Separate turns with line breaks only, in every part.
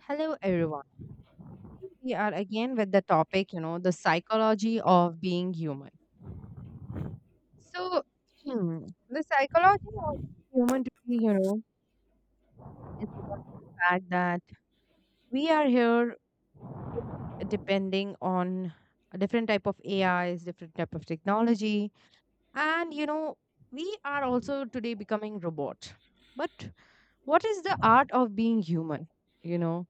Hello, everyone. We are again with the topic, the psychology of being human. So, the psychology of human to be, is about the fact that we are here depending on a different type of A is different type of technology, and we are also today becoming robot. But what is the art of being human? You know,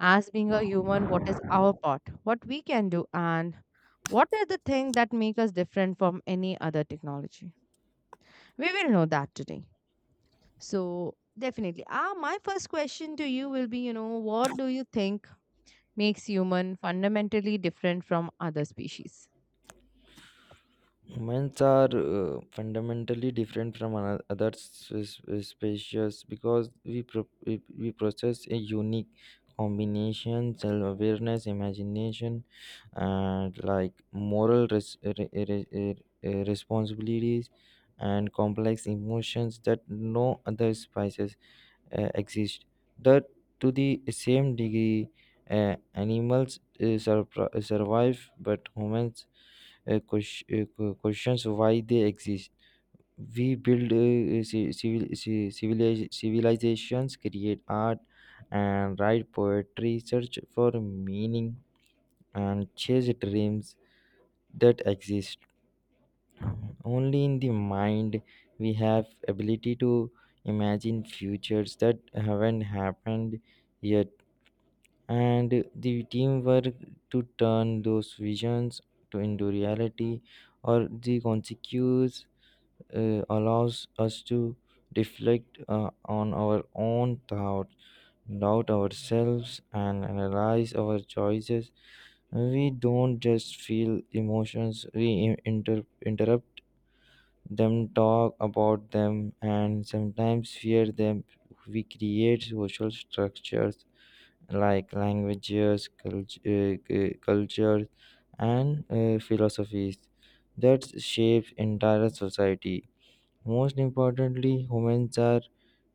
as being a human, what is our part, what we can do, and what are the things that make us different from any other technology? We will know that today. So definitely, my first question to you will be, what do you think makes human fundamentally different from other species?
Humans are fundamentally different from other species because we process a unique combination self-awareness imagination and like moral responsibilities and complex emotions that no other species exist that to the same degree animals survive but humans questions why they exist. We build civilizations, create art, and write poetry, search for meaning, and chase dreams that exist. Only in the mind we have ability to imagine futures that haven't happened yet, and the teamwork to turn those visions to into reality or the consequences allows us to reflect on our own thoughts, doubt ourselves, and analyze our choices. We don't just feel emotions, we interrupt them, talk about them, and sometimes fear them. We create social structures like languages, cultures, and philosophies that shape entire society most importantly,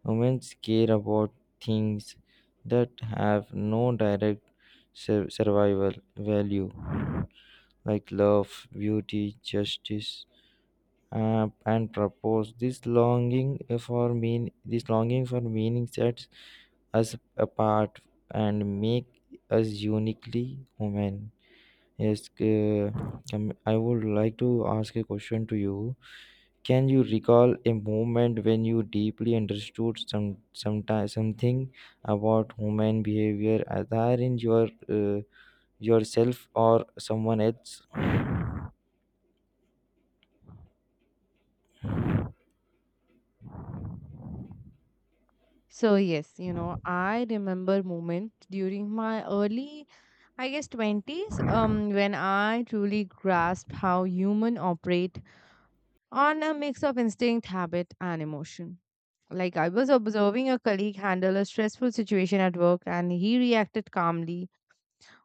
humans care about things that have no direct survival value, like love, beauty, justice, and purpose. This longing for meaning sets us apart and make us uniquely human. Yes, I would like to ask a question to you. Can you recall a moment when you deeply understood something about human behavior, either in your yourself or someone else?
So yes, I remember moment during my early, I guess, twenties, when I truly grasped how human operate on a mix of instinct, habit, and emotion. Like I was observing a colleague handle a stressful situation at work, and he reacted calmly,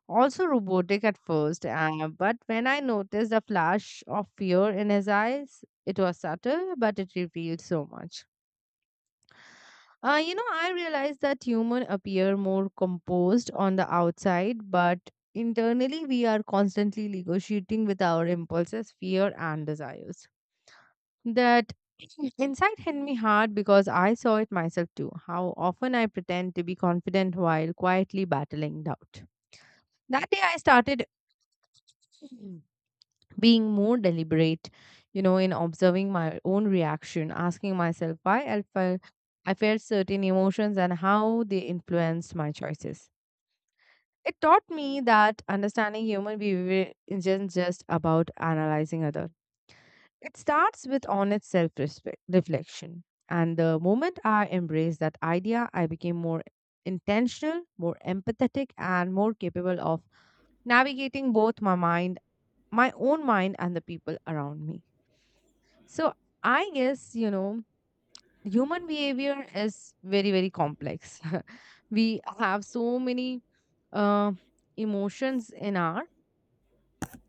also robotic at first. But when I noticed a flash of fear in his eyes, it was subtle, but it revealed so much. I realized that human appear more composed on the outside, but internally we are constantly negotiating with our impulses, fear, and desires. That insight hit me hard because I saw it myself too. How often I pretend to be confident while quietly battling doubt. That day I started being more deliberate, in observing my own reaction, asking myself why I felt certain emotions and how they influenced my choices. It taught me that understanding human behavior isn't just about analyzing others. It starts with honest self reflection, and the moment I embraced that idea, I became more intentional, more empathetic, and more capable of navigating both my own mind and the people around me. So I guess, human behavior is very, very complex. We have so many uh, emotions in our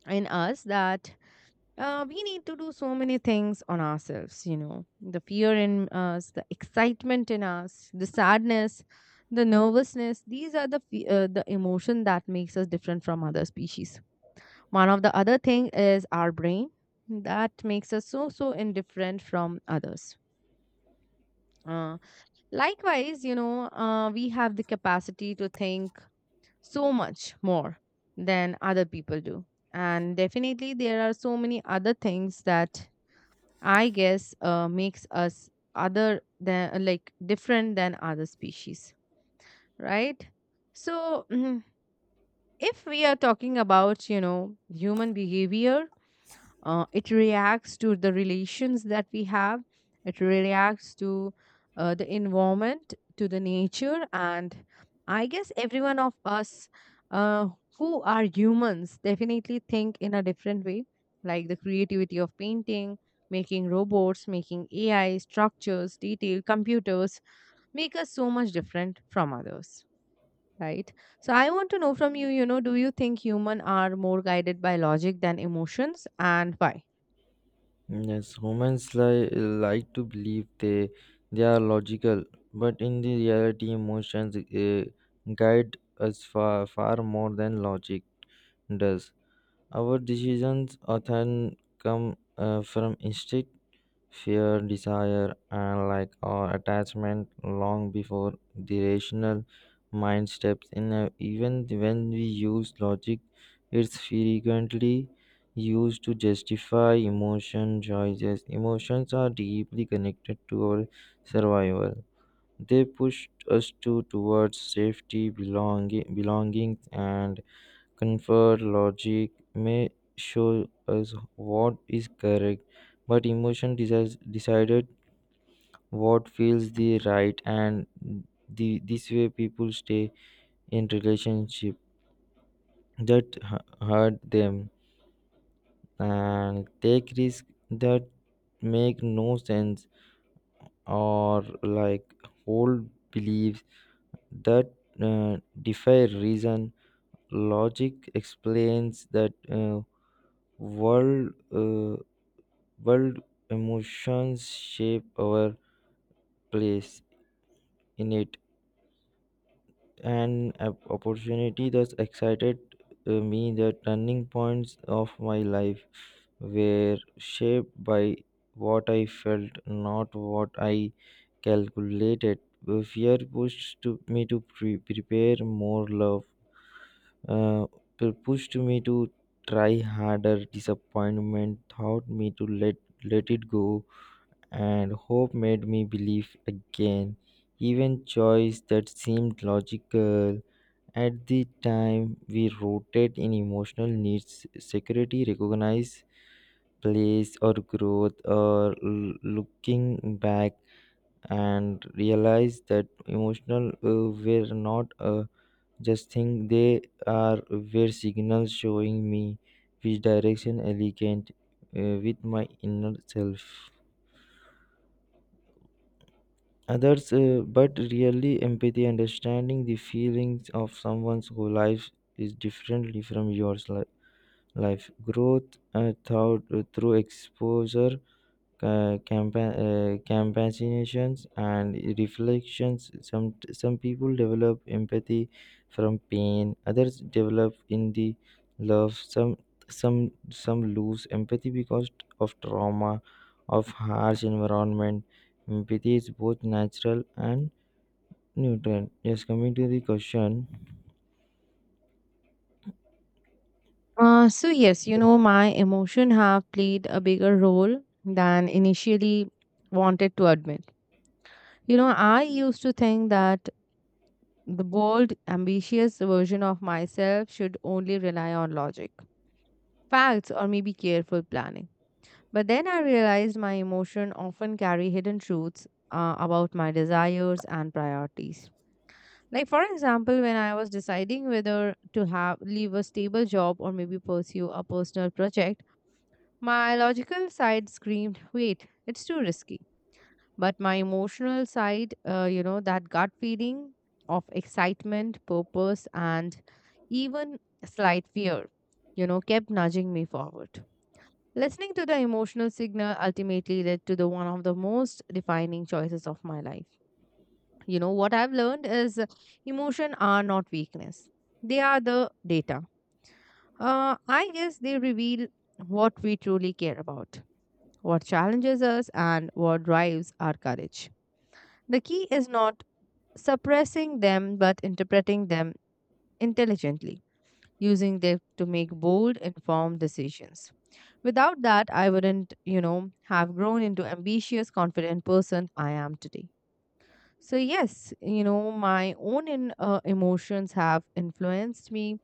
in us, that we need to do so many things on ourselves. You know, the fear in us, the excitement in us, the sadness, the nervousness, these are the emotion that makes us different from other species. One of the other thing is our brain, that makes us so so indifferent from others. Uh, Likewise, we have the capacity to think so much more than other people do. And definitely, there are so many other things that I guess makes us other than like different than other species, right? So, if we are talking about, human behavior, it reacts to the relations that we have, it reacts to the environment, to the nature, and I guess every one of us uh, who are humans definitely think in a different way, like the creativity of painting, making robots, making AI structures, detail computers, make us so much different from others, right? So I want to know from you, you know do you think human are more guided by logic than emotions, and why?
Yes, humans like to believe they are logical, but in the reality, emotions guide us far far more than logic does. Our decisions often come from instinct. Fear, desire and like or attachment long before the rational mind steps in. Even when we use logic it's frequently used to justify emotion choices. Emotions are deeply connected to our survival, they push us to towards safety belonging belonging and confer. Logic may show us what is correct, but emotion decided what feels the right, and this way people stay in relationship that hurt them and take risks that make no sense or like hold beliefs that uh, defy reason. Logic explains that world. Uh, world, emotions shape our place in it and opportunity thus excited me. The turning points of my life were shaped by what I felt, not what I calculated. Fear pushed to me to prepare more, love uh, pushed me to try harder, disappointment taught me to let it go, and hope made me believe again. Even choice that seemed logical at the time we rooted in emotional needs, security, recognize place or growth, or looking back and realize that emotional were not just thing, they are were signals showing me which direction elegant with my inner self. Others but really empathy understanding the feelings of someone whose life is differently from yours life growth thought, through exposure compassions and reflections. Some people develop empathy from pain, others develop in the love, some lose empathy because of trauma, of harsh environment. Empathy is both natural and nutrient. Yes, coming to the question.
So yes, my emotion have played a bigger role than initially wanted to admit. You know, I used to think that the bold, ambitious version of myself should only rely on logic, facts, or maybe careful planning. But then I realized my emotion often carry hidden truths about my desires and priorities. Like for example, when I was deciding whether to have leave a stable job or maybe pursue a personal project, my logical side screamed, wait, it's too risky. But my emotional side, that gut feeling of excitement, purpose, and even slight fear, kept nudging me forward. Listening to the emotional signal ultimately led to the one of the most defining choices of my life. You know, what I've learned is emotion are not weakness. They are the data. I guess they reveal what we truly care about, what challenges us, and what drives our courage. The key is not suppressing them but interpreting them intelligently, using them to make bold, informed decisions. Without that, I wouldn't, have grown into ambitious, confident person I am today. So yes, my own emotions have influenced me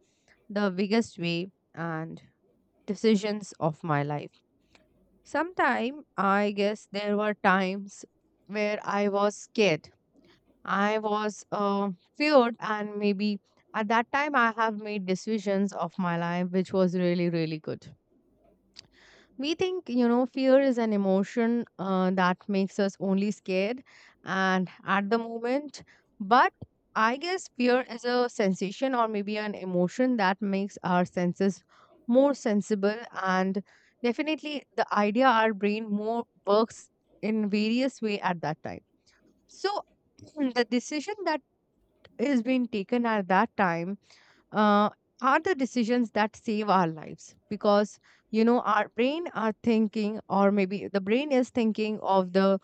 the biggest way and decisions of my life. Sometime, I guess there were times where I was scared. I was feared, and maybe at that time, I have made decisions of my life which was really, really good. We think, fear is an emotion that makes us only scared and at the moment. But I guess fear is a sensation or maybe an emotion that makes our senses more sensible. And definitely the idea our brain more works in various way at that time. So the decision that is being taken at that time uh, are the decisions that save our lives, because you know our brain are thinking, or maybe the brain is thinking of the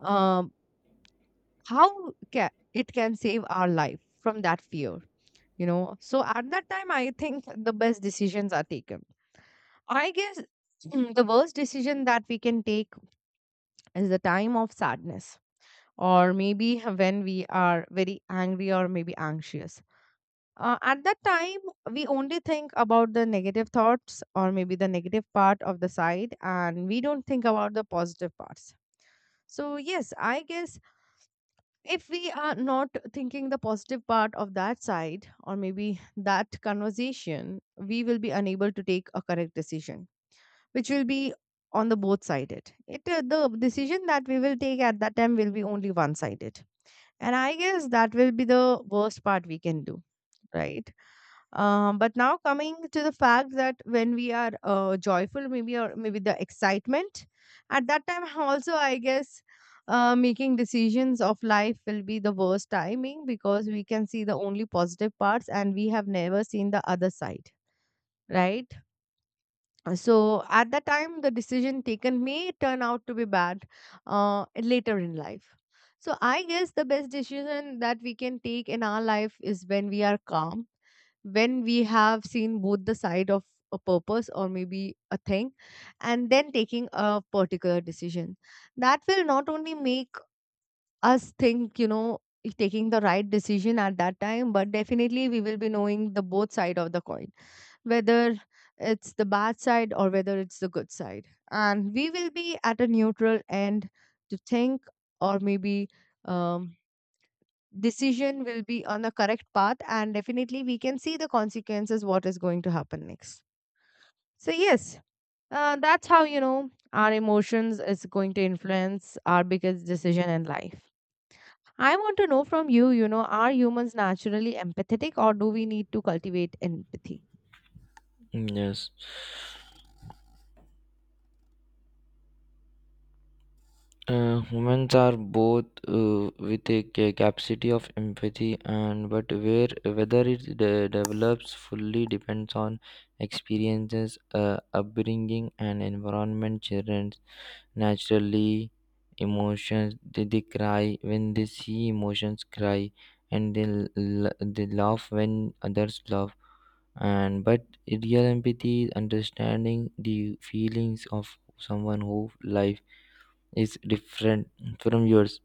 um, how it can save our life from that fear. You know, so at that time I think the best decisions are taken. I guess the worst decision that we can take is the time of sadness, or maybe when we are very angry or maybe anxious. At that time, we only think about the negative thoughts, or maybe the negative part of the side, and we don't think about the positive parts. So, yes, I guess if we are not thinking the positive part of that side or maybe that conversation, we will be unable to take a correct decision, which will be on the both sided. It the decision that we will take at that time will be only one sided, and I guess that will be the worst part we can do, right? But now coming to the fact that when we are joyful, maybe, or maybe the excitement at that time, also, I guess making decisions of life will be the worst timing, because we can see the only positive parts and we have never seen the other side, right? So at that time, the decision taken may turn out to be bad later in life. So I guess the best decision that we can take in our life is when we are calm, when we have seen both the side of a purpose or maybe a thing, and then taking a particular decision. That will not only make us think, if taking the right decision at that time, but definitely we will be knowing the both side of the coin, whether it's the bad side or whether it's the good side. And we will be at a neutral end to think, or maybe um, decision will be on the correct path. And definitely, we can see the consequences, what is going to happen next. So, yes, that's how you know our emotions is going to influence our biggest decision in life. I want to know from you, are humans naturally empathetic, or do we need to cultivate empathy?
Yes. Humans are both with a capacity of empathy, and but where whether it develops fully depends on experiences, upbringing, and environment. Children naturally emotions, they cry when they see emotions cry, and they laugh when others laugh. And but real empathy is understanding the feelings of someone who life is different from yours,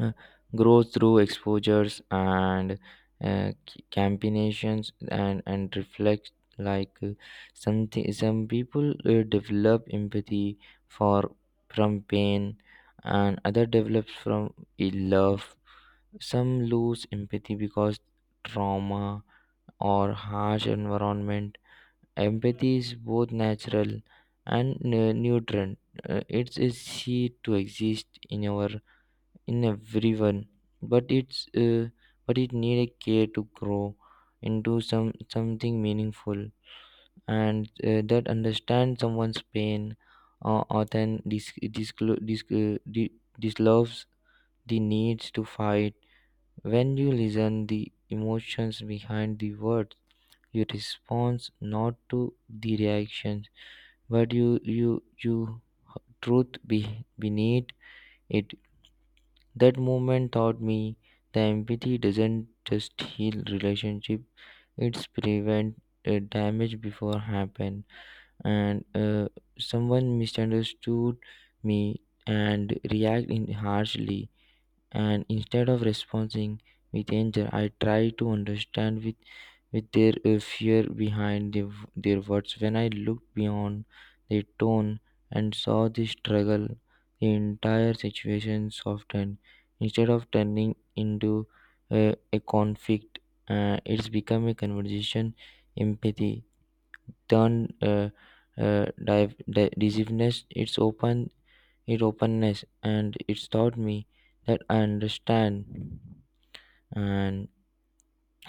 uh, grows through exposures and combinations and reflects. Like some people develop empathy for from pain and other develops from a love, some lose empathy because trauma or harsh environment. Empathy is both natural and nutrient. It's a seed to exist in our in everyone, but it need a care to grow into something meaningful and that understand someone's pain or then disclo- dis- uh, di- disloves the needs to fight. When you listen the emotions behind the words, you respond not to the reaction but you truth beneath it. That moment taught me the empathy doesn't just heal relationship; it's prevent damage before happen. And someone misunderstood me and react in harshly, and instead of responding with anger I try to understand with their fear behind their words. When I looked beyond their tone and saw the struggle, the entire situation softened, instead of turning into a conflict it's become a conversation. Empathy turn uh, decisiveness its open it openness and it's taught me that I understand and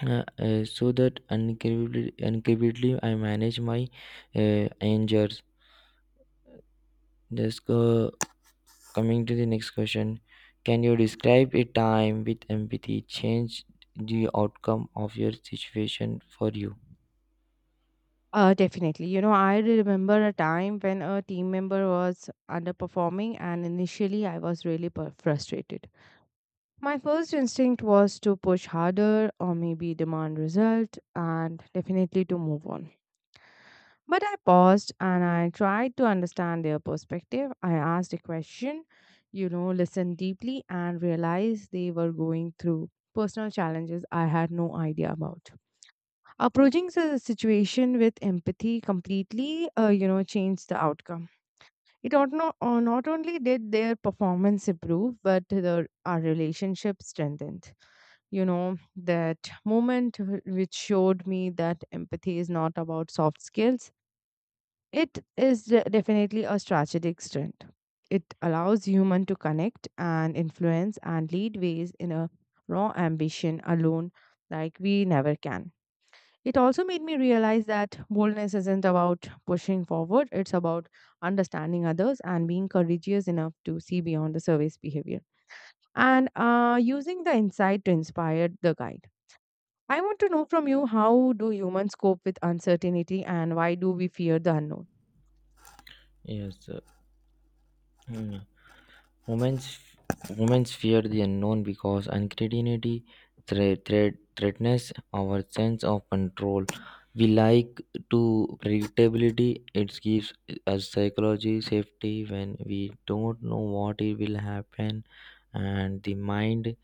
so that incredibly I manage my angers. Just go coming to the next question. Can you describe a time with empathy change the outcome of your situation for you?
Definitely. You know, I remember a time when a team member was underperforming, and initially I was really frustrated. My first instinct was to push harder, or maybe demand result and definitely to move on. But I paused and I tried to understand their perspective. I asked a question, listened deeply, and realized they were going through personal challenges I had no idea about. Approaching the situation with empathy completely, changed the outcome. It ought not, not only did their performance improve, but our relationship strengthened. You know, that moment which showed me that empathy is not about soft skills, it is definitely a strategic strength. It allows human to connect and influence and lead ways in a raw ambition alone like we never can. It also made me realize that boldness isn't about pushing forward, it's about understanding others and being courageous enough to see beyond the surface behavior and using the insight to inspire the guide. I want to know from you, how do humans cope with uncertainty, and why do we fear the unknown?
Yes, sir. Hmm. Women's Women fear the unknown because uncertainty threatens our sense of control. We like to predictability. It gives us psychology safety when we don't know what it will happen, and the mind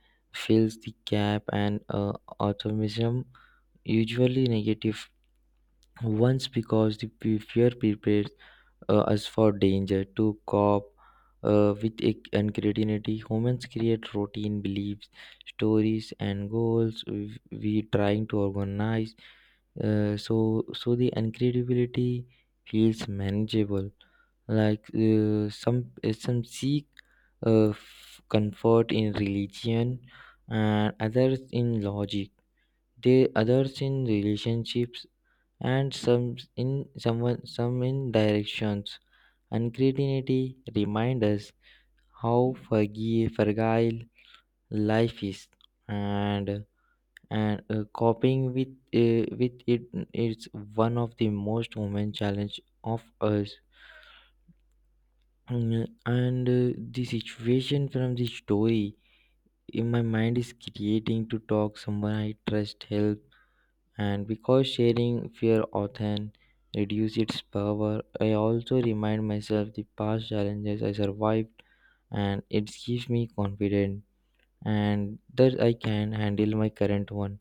fills the gap and optimism usually negative once because the fear prepares us for danger to cope with it and creativity. Humans create routine beliefs, stories, and goals we trying to organize. So so the incredibility feels manageable. Like some seek comfort in religion and others in logic. They others in relationships and some in directions. Uncertainty reminds us how fragile life is, and coping with it is one of the most human challenge of us. Mm, and the situation from the story in my mind is creating to talk someone I trust help. And because sharing fear often reduces its power, I also remind myself the past challenges I survived, and it gives me confidence and that I can handle my current one.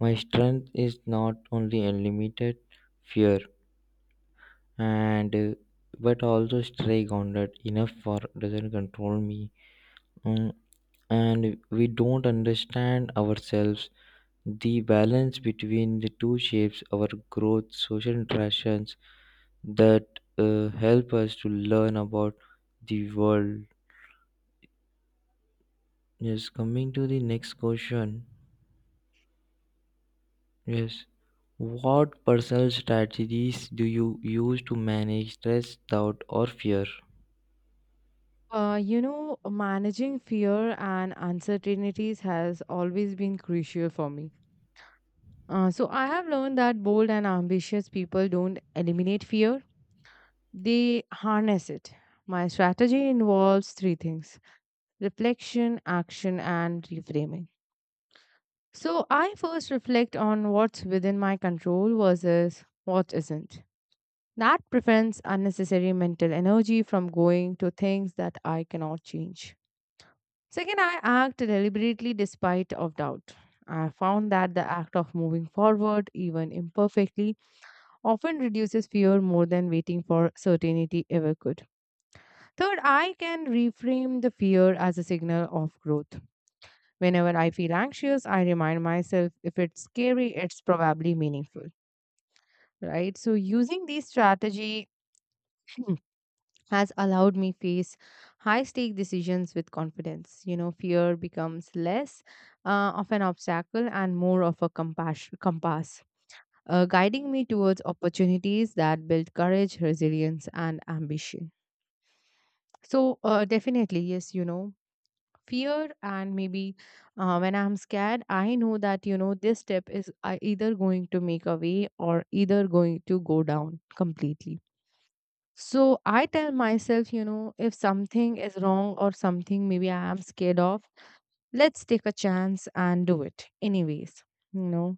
My strength is not only unlimited fear and but also stay grounded enough for doesn't control me. Mm, and we don't understand ourselves. The balance between the two shapes our growth social interactions that help us to learn about the world. Yes, coming to the next question. Yes, what personal strategies do you use to manage stress, doubt, or fear?
Managing fear and uncertainties has always been crucial for me. So I have learned that bold and ambitious people don't eliminate fear, they harness it. My strategy involves three things: reflection, action, and reframing. So I first reflect on what's within my control versus what isn't. That prevents unnecessary mental energy from going to things that I cannot change. Second, I act deliberately despite of doubt. I found that the act of moving forward, even imperfectly, often reduces fear more than waiting for certainty ever could. Third, I can reframe the fear as a signal of growth. Whenever I feel anxious, I remind myself, if it's scary, it's probably meaningful. Right? So, using these strategy has allowed me face high stake decisions with confidence. Fear becomes less of an obstacle and more of a compass, guiding me towards opportunities that build courage resilience and ambition. So definitely, yes. Fear and maybe when I'm scared I know that this step is either going to make a way or either going to go down completely. So I tell myself, if something is wrong or something maybe I am scared of, let's take a chance and do it anyways. You know,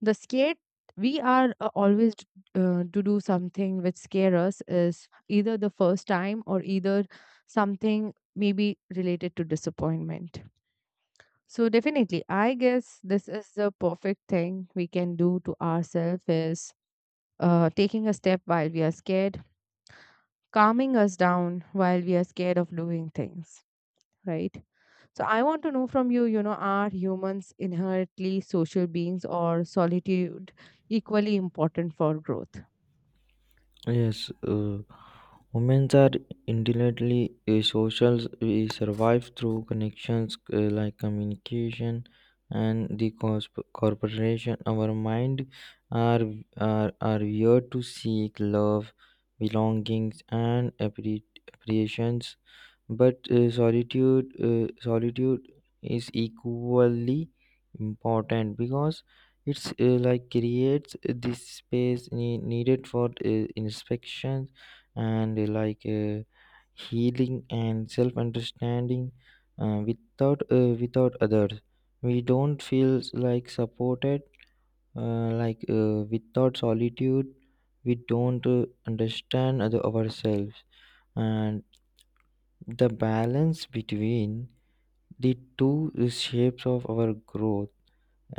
the scared, we are to do something which scare us is either the first time or either something maybe related to disappointment. So definitely, I guess this is the perfect thing we can do to ourselves is taking a step while we are scared, calming us down while we are scared of doing things, right? So I want to know from you you know are humans inherently social beings or solitude equally important for growth?
Yes, women are inherently social. We survive through connections like communication and the corporation. Our mind are, are wired to seek love, belongings, and appreciation, but solitude is equally important because it's like creates this space needed for inspection and healing and self understanding. Without others, we don't feel like supported. Without solitude, we don't understand other ourselves, and the balance between the two shapes of our growth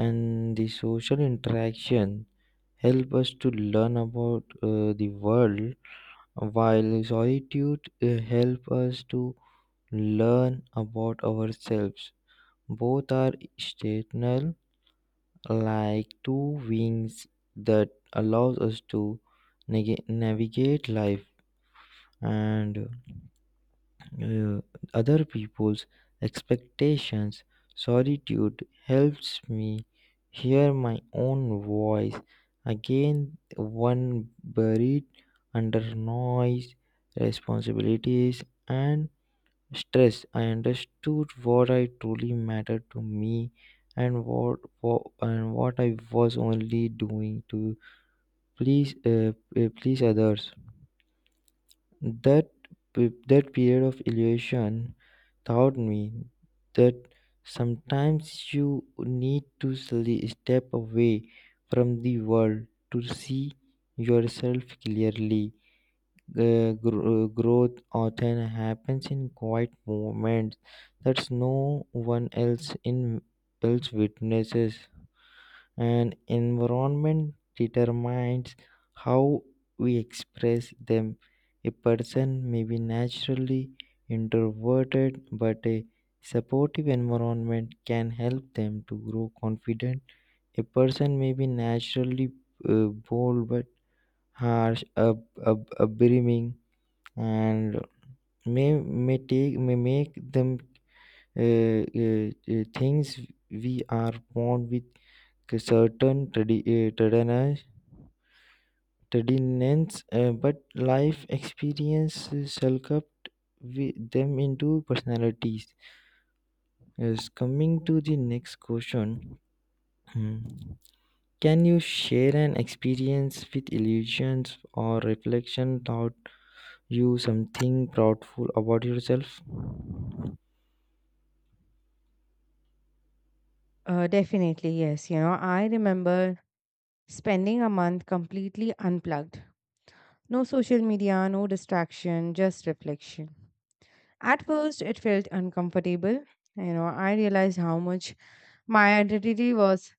and the social interaction help us to learn about the world, while solitude help us to learn about ourselves. Both are stational, like two wings that allows us to nega navigate life and uh, other people's expectations. Solitude helps me hear my own voice again, one buried under noise, responsibilities, and stress. I understood what I truly mattered to me and what I was only doing to please please others. That that period of illusion taught me that sometimes you need to step away from the world to see yourself clearly. Growth often happens in quiet moments that no one else witnesses, and environment determines how we express them. A person may be naturally introverted, but a supportive environment can help them to grow confident. A person may be naturally bold, but harsh, upbringing, and may make them things. We are born with certain uh, readiness, but life experience sculpt them into personalities. Yes, coming to the next question, hmm, can you share an experience with illusions or reflection taught you something proudful about yourself?
Definitely, yes. You know, I remember spending a month completely unplugged. No social media, no distraction, just reflection. At first, it felt uncomfortable. You know, I realized how much my identity was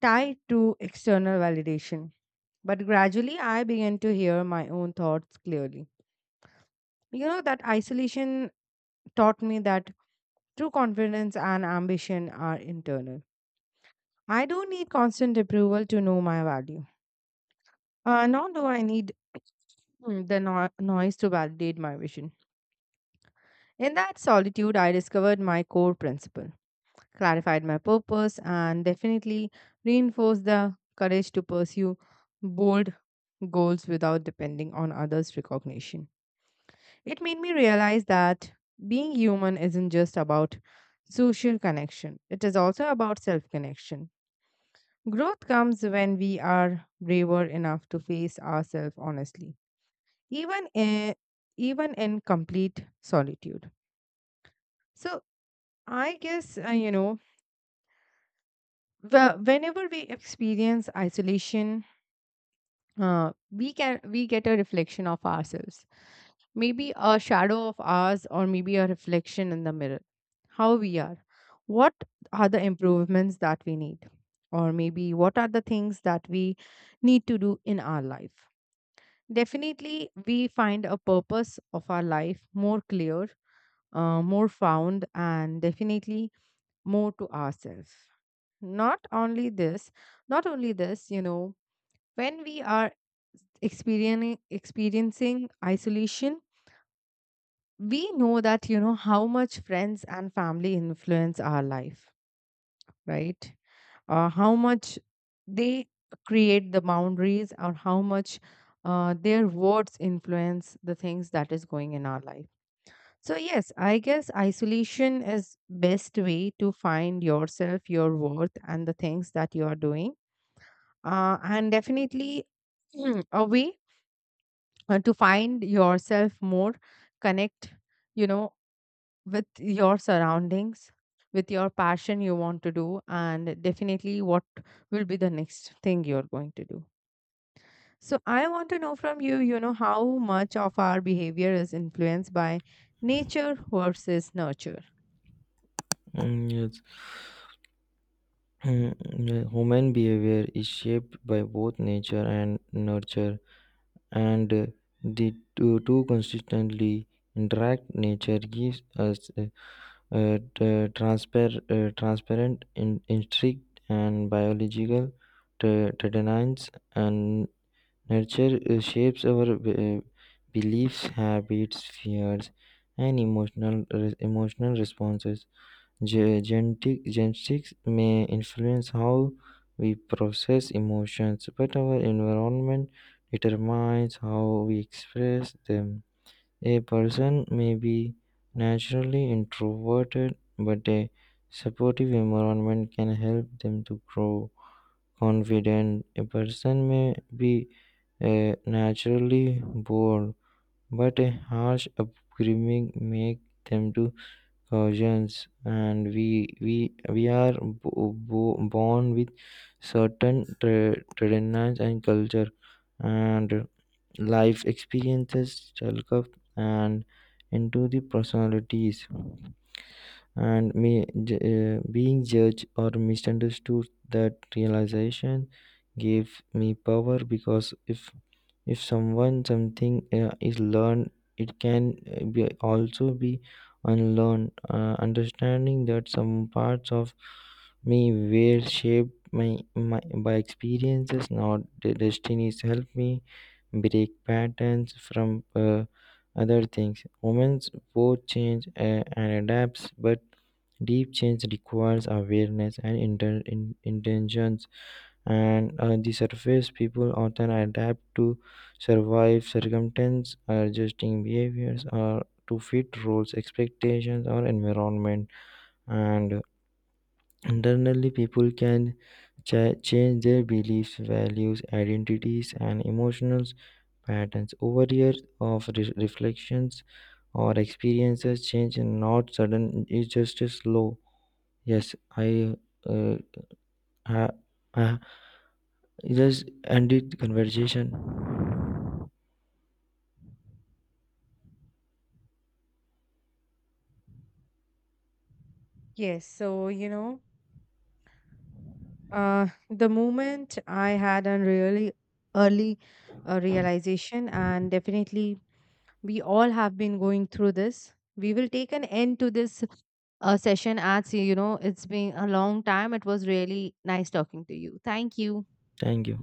tied to external validation. But gradually, I began to hear my own thoughts clearly. You know, that isolation taught me that true confidence and ambition are internal. I don't need constant approval to know my value, nor do I need the noise to validate my vision. In that solitude, I discovered my core principle, clarified my purpose, and definitely reinforced the courage to pursue bold goals without depending on others' recognition. It made me realize that being human isn't just about social connection, it is also about self connection. Growth comes when we are braver enough to face ourselves honestly, even in, even in complete solitude. So, I guess, you know, whenever we experience isolation, we can we get a reflection of ourselves, maybe a shadow of ours or maybe a reflection in the mirror, how we are, what are the improvements that we need, or maybe what are the things that we need to do in our life. Definitely we find a purpose of our life more clear, more found, and definitely more to ourselves. Not only this not only this you know, when we are experiencing isolation, we know that, you know, how much friends and family influence our life, right? How much they create the boundaries, or how much their words influence the things that is going in our life. So yes, I guess isolation is best way to find yourself, your worth, and the things that you are doing, and definitely a way to find yourself more connect, you know, with your surroundings, with your passion you want to do, and definitely what will be the next thing you're going to do. So I want to know from you, you know, how much of our behavior is influenced by nature versus nurture?
Mm, yes, Mm, yeah, human behavior is shaped by both nature and nurture. And two consistently interact. Nature gives us transparent in, instinct and biological tenderness, and nurture shapes our beliefs habits fears and emotional emotional responses. Genetics may influence how we process emotions, but our environment determines how we express them. A person may be naturally introverted, but a supportive environment can help them to grow confident. A person may be naturally bored, but a harsh upbringing make them to cousins, and we are born with certain traditions and culture and life experiences, self and into the personalities. And me being judged or misunderstood, that realization gave me power, because if someone something is learned it can be unlearned. Understanding that some parts of me were shaped my by experiences, not the destinies, help me break patterns from other things. Humans both change and adapts, but deep change requires awareness and intentions, and on the surface, people often adapt to survive circumstance, adjusting behaviors or to fit roles, expectations, or environment. And internally, people can change their beliefs, values, identities, and emotional patterns over years of reflections or experiences. Change is not sudden; it's just slow. Yes, I uh, ha, ha, just ended the conversation.
Yes, so you know, the moment I had a really early realization, and definitely we all have been going through this, we will take an end to this session, as you know it's been a long time. It was really nice talking to you. Thank you.
Thank you.